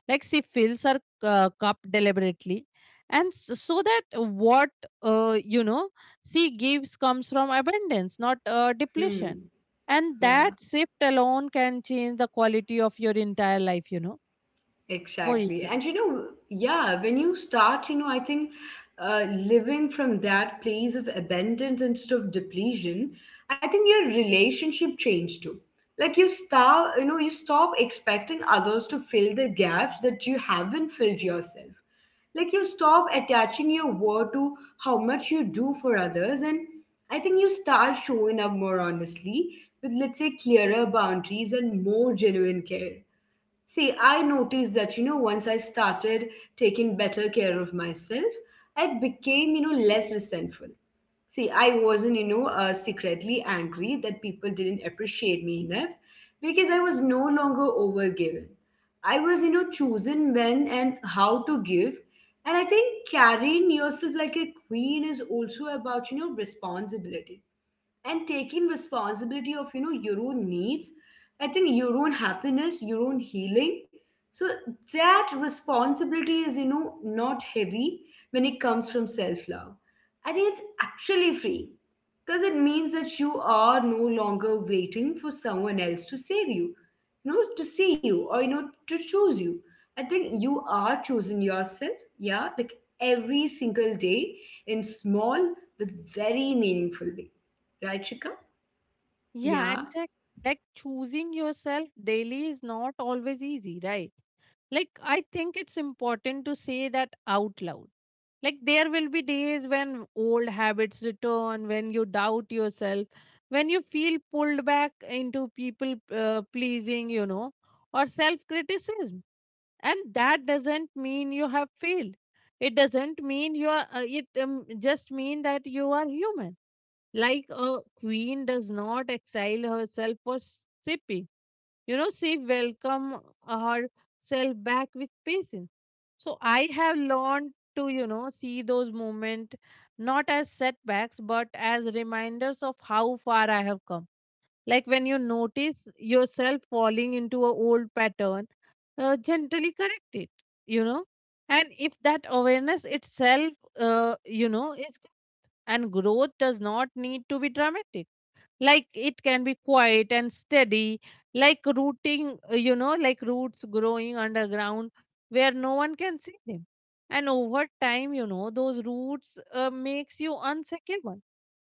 Like she fills her, cup deliberately, and so that what, you know, she gives comes from abundance, not, depletion. Hmm. And Yeah. that shift alone can change the quality of your entire life, you know. What you Exactly. say? And yeah, when you start, I think living from that place of abundance instead of depletion, I think your relationship changed too. Like you start, you know, you stop expecting others to fill the gaps that you haven't filled yourself. Like you stop attaching your worth to how much you do for others. And I think you start showing up more honestly with, let's say, clearer boundaries and more genuine care. See, I noticed that, once I started taking better care of myself, I became, less resentful. See, I wasn't, secretly angry that people didn't appreciate me enough because I was no longer overgiven. I was, chosen when and how to give. And I think carrying yourself like a queen is also about, responsibility and taking responsibility of your own needs. I think your own happiness, your own healing. So that responsibility is not heavy when it comes from self love. I think it's actually free because it means that you are no longer waiting for someone else to save you, you know to see you, or to choose you. I think you are choosing yourself, yeah, like every single day in small but very meaningful way. Right, Shika? Yeah, Yeah, exactly. Like choosing yourself daily is not always easy, right? Like, I think it's important to say that out loud. Like, there will be days when old habits return, when you doubt yourself, when you feel pulled back into people, pleasing, you know, or self criticism. And that doesn't mean you have failed. It doesn't mean you are, it just mean that you are human. Like a queen does not exile herself for sipping, you know. She welcome herself back with patience. So I have learned to, you know, see those moments not as setbacks but as reminders of how far I have come. Like when you notice yourself falling into a old pattern, gently correct it, you know. And if that awareness itself, you know, is. And growth does not need to be dramatic. Like it can be quiet and steady, like rooting, you know, like roots growing underground where no one can see them. And over time, you know, those roots, makes you unshakable.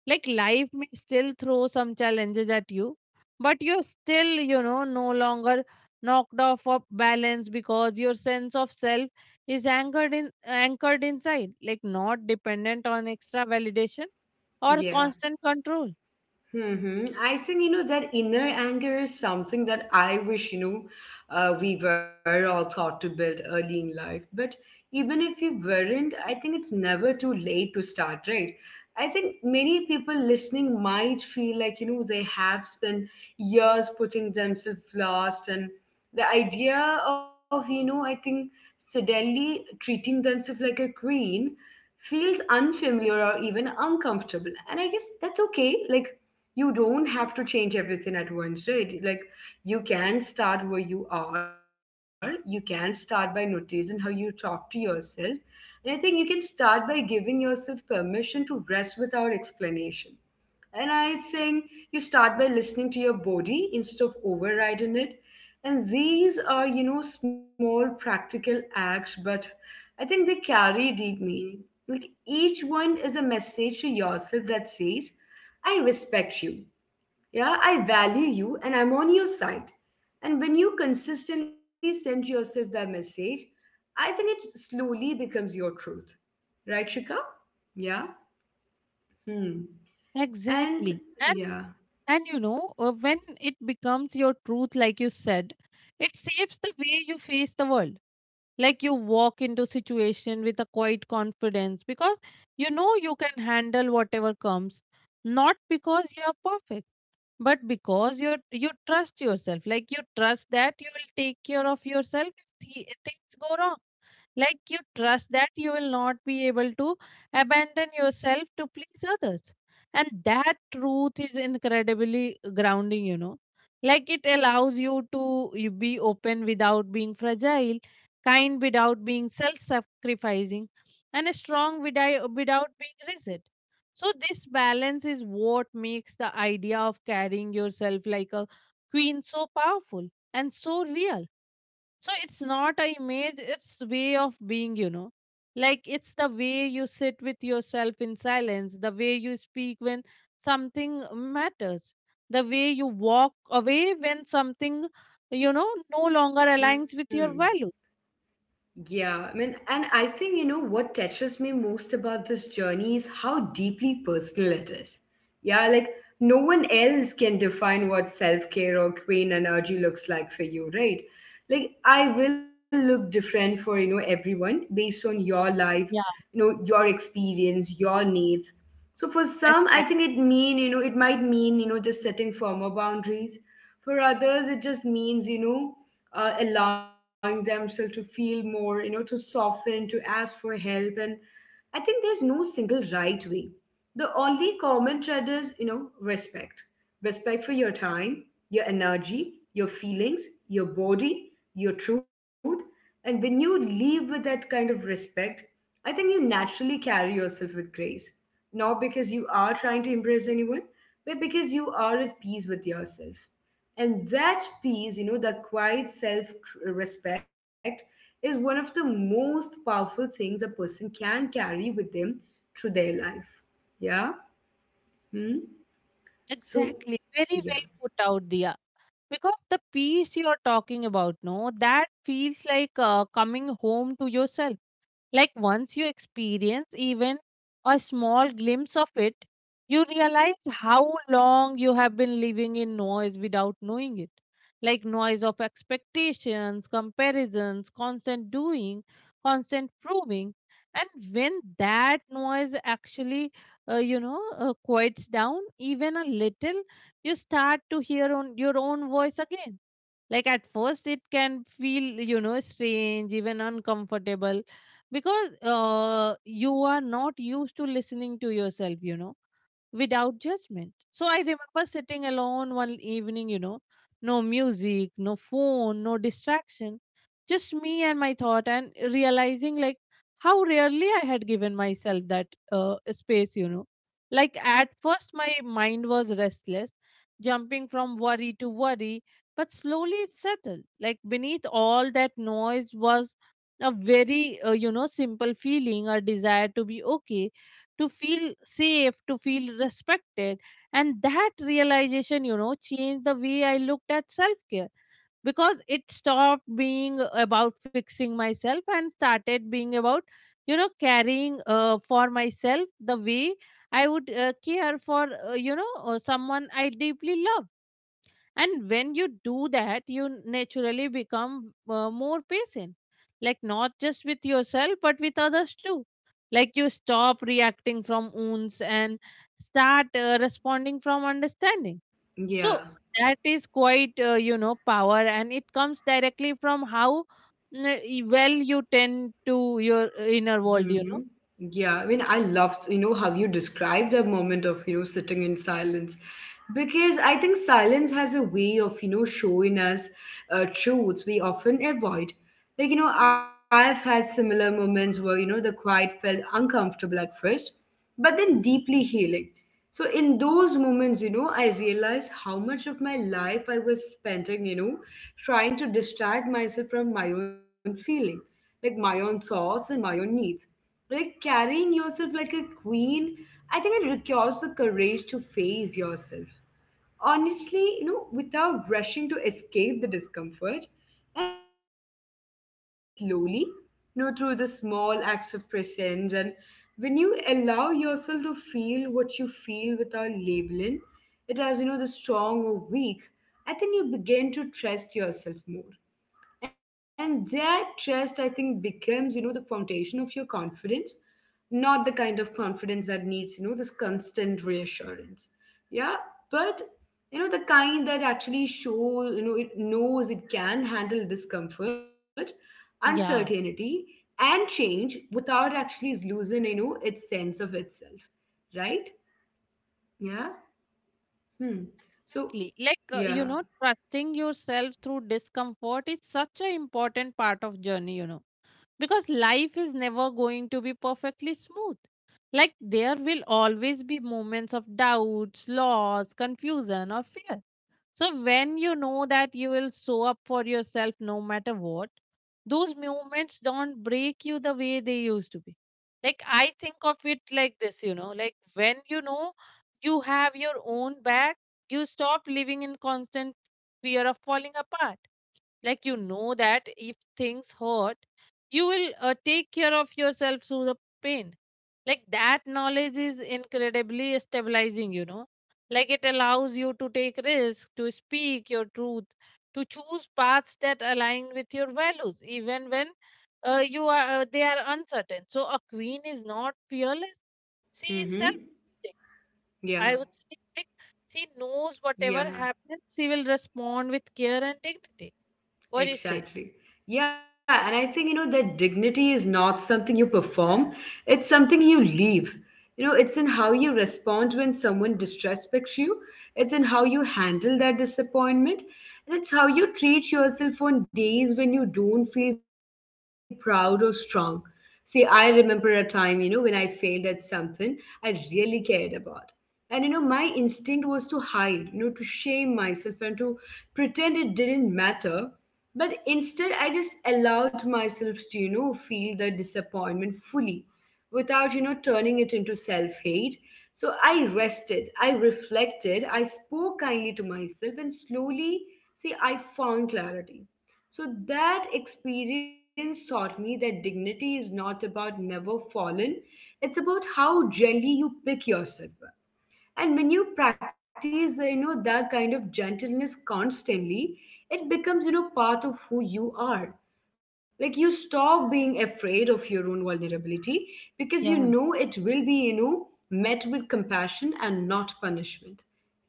Like life may still throw some challenges at you, but you're still, you know, no longer knocked off of balance because your sense of self is anchored inside, like not dependent on extra validation or yeah. constant control. Hmm. I think, that inner anger is something that I wish, we were all taught to build early in life. But even if we weren't, I think it's never too late to start, right? I think many people listening might feel like, they have spent years putting themselves last. And the idea of, I think suddenly treating themselves like a queen feels unfamiliar or even uncomfortable. And I guess that's okay. Like, you don't have to change everything at once, right? Like you can start where you are. You can start by noticing how you talk to yourself. And I think you can start by giving yourself permission to rest without explanation. And I think you start by listening to your body instead of overriding it. And these are, small practical acts, but I think they carry deep meaning. Like each one is a message to yourself that says, I respect you. Yeah, I value you and I'm on your side. And when you consistently send yourself that message, I think it slowly becomes your truth. Right, Shika? Yeah. Hmm. And Exactly. And yeah. and you know, when it becomes your truth, like you said, it shapes the way you face the world. Like you walk into situation with a quiet confidence because you know you can handle whatever comes, not because you're perfect, but because you trust yourself. Like you trust that you will take care of yourself if things go wrong, like you trust that you will not be able to abandon yourself to please others. And that truth is incredibly grounding, you know. Like it allows you to you be open without being fragile, kind without being self sacrificing, and strong without being rigid. So, this balance is what makes the idea of carrying yourself like a queen so powerful and so real. So it's not a image, it's way of being, you know. Like it's the way you sit with yourself in silence, the way you speak when something matters, the way you walk away when something, you know, no longer aligns Hmm. with your value. Yeah, I mean, and I think, what touches me most about this journey is how deeply personal it is. Yeah, like no one else can define what self care or queen energy looks like for you, right? Like, I will look different for, everyone based on your life, Yeah, your experience, your needs. So for some, I think exactly. it might mean, just setting firmer boundaries. For others, it just means, allowing themselves to feel more, to soften, to ask for help. And I think there's no single right way. The only common thread is, respect. Respect for your time, your energy, your feelings, your body, your truth. And when you live with that kind of respect, I think you naturally carry yourself with grace. Not because you are trying to impress anyone, but because you are at peace with yourself. And that peace, that quiet self respect is one of the most powerful things a person can carry with them through their life. Yeah? Hmm? So, Exactly. Very yeah. well put out, Dia. Because the peace you're talking about, no, that feels like, coming home to yourself. Like once you experience even a small glimpse of it, you realize how long you have been living in noise without knowing it. Like noise of expectations, comparisons, constant doing, constant proving. And when that noise actually, quiets down even a little, you start to hear on your own voice again. Like at first it can feel, you know, strange, even uncomfortable, because, you are not used to listening to yourself, you know, without judgment. So I remember sitting alone one evening, you know, no music, no phone, no distraction, just me and my thought, and realizing like how rarely I had given myself that, space, you know. Like at first, my mind was restless, jumping from worry to worry, but slowly it settled. Like beneath all that noise was a very, you know, simple feeling, a desire to be okay, to feel safe, to feel respected. And that realization, you know, changed the way I looked at self care, because it stopped being about fixing myself and started being about, you know, caring, for myself the way I would, care for, someone I deeply love. And when you do that, you naturally become, more patient, like not just with yourself but with others too. Like you stop reacting from wounds and start, responding from understanding. So Yeah. that is quite, you know, power, and it comes directly from how, well you tend to your, inner world, you Mm-hmm. know. Yeah, I mean, I love, how you describe the moment of, sitting in silence. Because I think silence has a way of, showing us truths we often avoid. Like, I've had similar moments where, the quiet felt uncomfortable at first, but then deeply healing. So in those moments, I realized how much of my life I was spending, trying to distract myself from my own feeling, like my own thoughts and my own needs. Like carrying yourself like a queen, I think it requires the courage to face yourself. Honestly, without rushing to escape the discomfort. And that kind of courage builds slowly, through the small acts of presence. And when you allow yourself to feel what you feel without labeling it as, the strong or weak, I think you begin to trust yourself more. And that trust, I think, becomes, the foundation of your confidence, not the kind of confidence that needs, this constant reassurance. Yeah. But, the kind that actually shows, it knows it can handle discomfort, Yeah, uncertainty, and change without actually losing, its sense of itself. Right? Yeah. Hmm. So, exactly. Like, you yeah. know, trusting yourself through discomfort is such an important part of journey, you know, because life is never going to be perfectly smooth. Like there will always be moments of doubts, loss, confusion, or fear. So when you know that you will show up for yourself no matter what, those moments don't break you the way they used to be. Like I think of it like this, you know, like when you know you have your own back, you stop living in constant fear of falling apart. Like you know that if things hurt, you will, take care of yourself through the pain. Like that knowledge is incredibly stabilizing, you know. Like it allows you to take risks, to speak your truth, to choose paths that align with your values even when, you are they are uncertain. So a queen is not fearless, she is self, Mm-hmm. I would Yeah. say. Like she knows whatever happens, Yeah. she will respond with care and dignity. What do you say? Exactly. Yeah, and I think you know that dignity is not something you perform, it's something you leave. It's in how you respond when someone disrespects you, it's in how you handle that disappointment, and it's how you treat yourself on days when you don't feel proud or strong. See, I remember a time, when I failed at something I really cared about. And my instinct was to hide, to shame myself and to pretend it didn't matter, but instead, I just allowed myself to, feel the disappointment fully without, turning it into self hate. So I rested, I reflected, I spoke kindly to myself, and slowly, see, I found clarity. So that experience taught me that dignity is not about never fallen, it's about how gently you pick yourself up. And when you practice the, you know that kind of gentleness constantly, it becomes part of who you are. Like you stop being afraid of your own vulnerability because Yeah, you know it will be met with compassion and not punishment.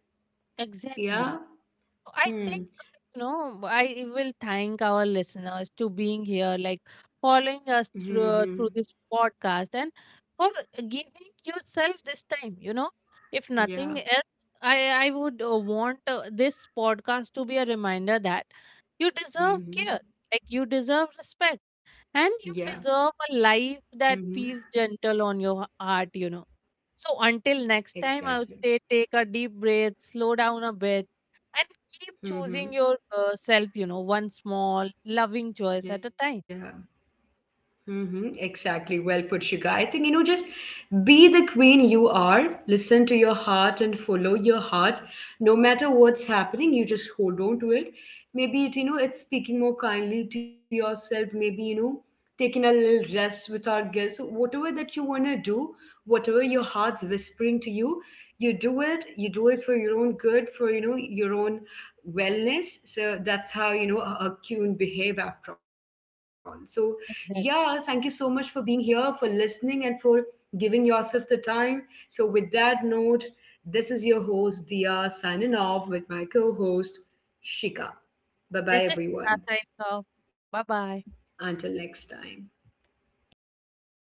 Right? exactly. Yeah. So I think, Hmm. you know, I will thank our listeners to being here, like following us through, Hmm. through Hmm. this podcast, and for giving yourself this time, you know. If nothing Yeah. else, I would, want, this podcast to be a reminder that you deserve care, Hmm. like Hmm. you deserve respect, Yeah. and you deserve a Hmm. life Hmm. that feels gentle on your heart, you know. So until next time, I Exactly. would say take a deep breath, slow down a bit, and keep choosing Hmm. your, Hmm. Self, you know, one small, loving choice at a time. Yeah. Mm-hmm, exactly. Well put, Shika. I think, just be the queen you are, listen to your heart and follow your heart. No matter what's happening, you just hold on to it. Maybe it's speaking more kindly to yourself, maybe, taking a little rest without guilt. So whatever that you want to do, whatever your heart's whispering to you, you do it. You do it for your own good, for, your own wellness. So that's how, a queen behave after all. So yeah, thank you so Exactly. much for being here, for listening, and for giving yourself the time. So, with that note, this is your host, Dia, signing off with my co host, Shika. Bye bye, This is everyone. Shweta signing off. Bye bye. Until next time.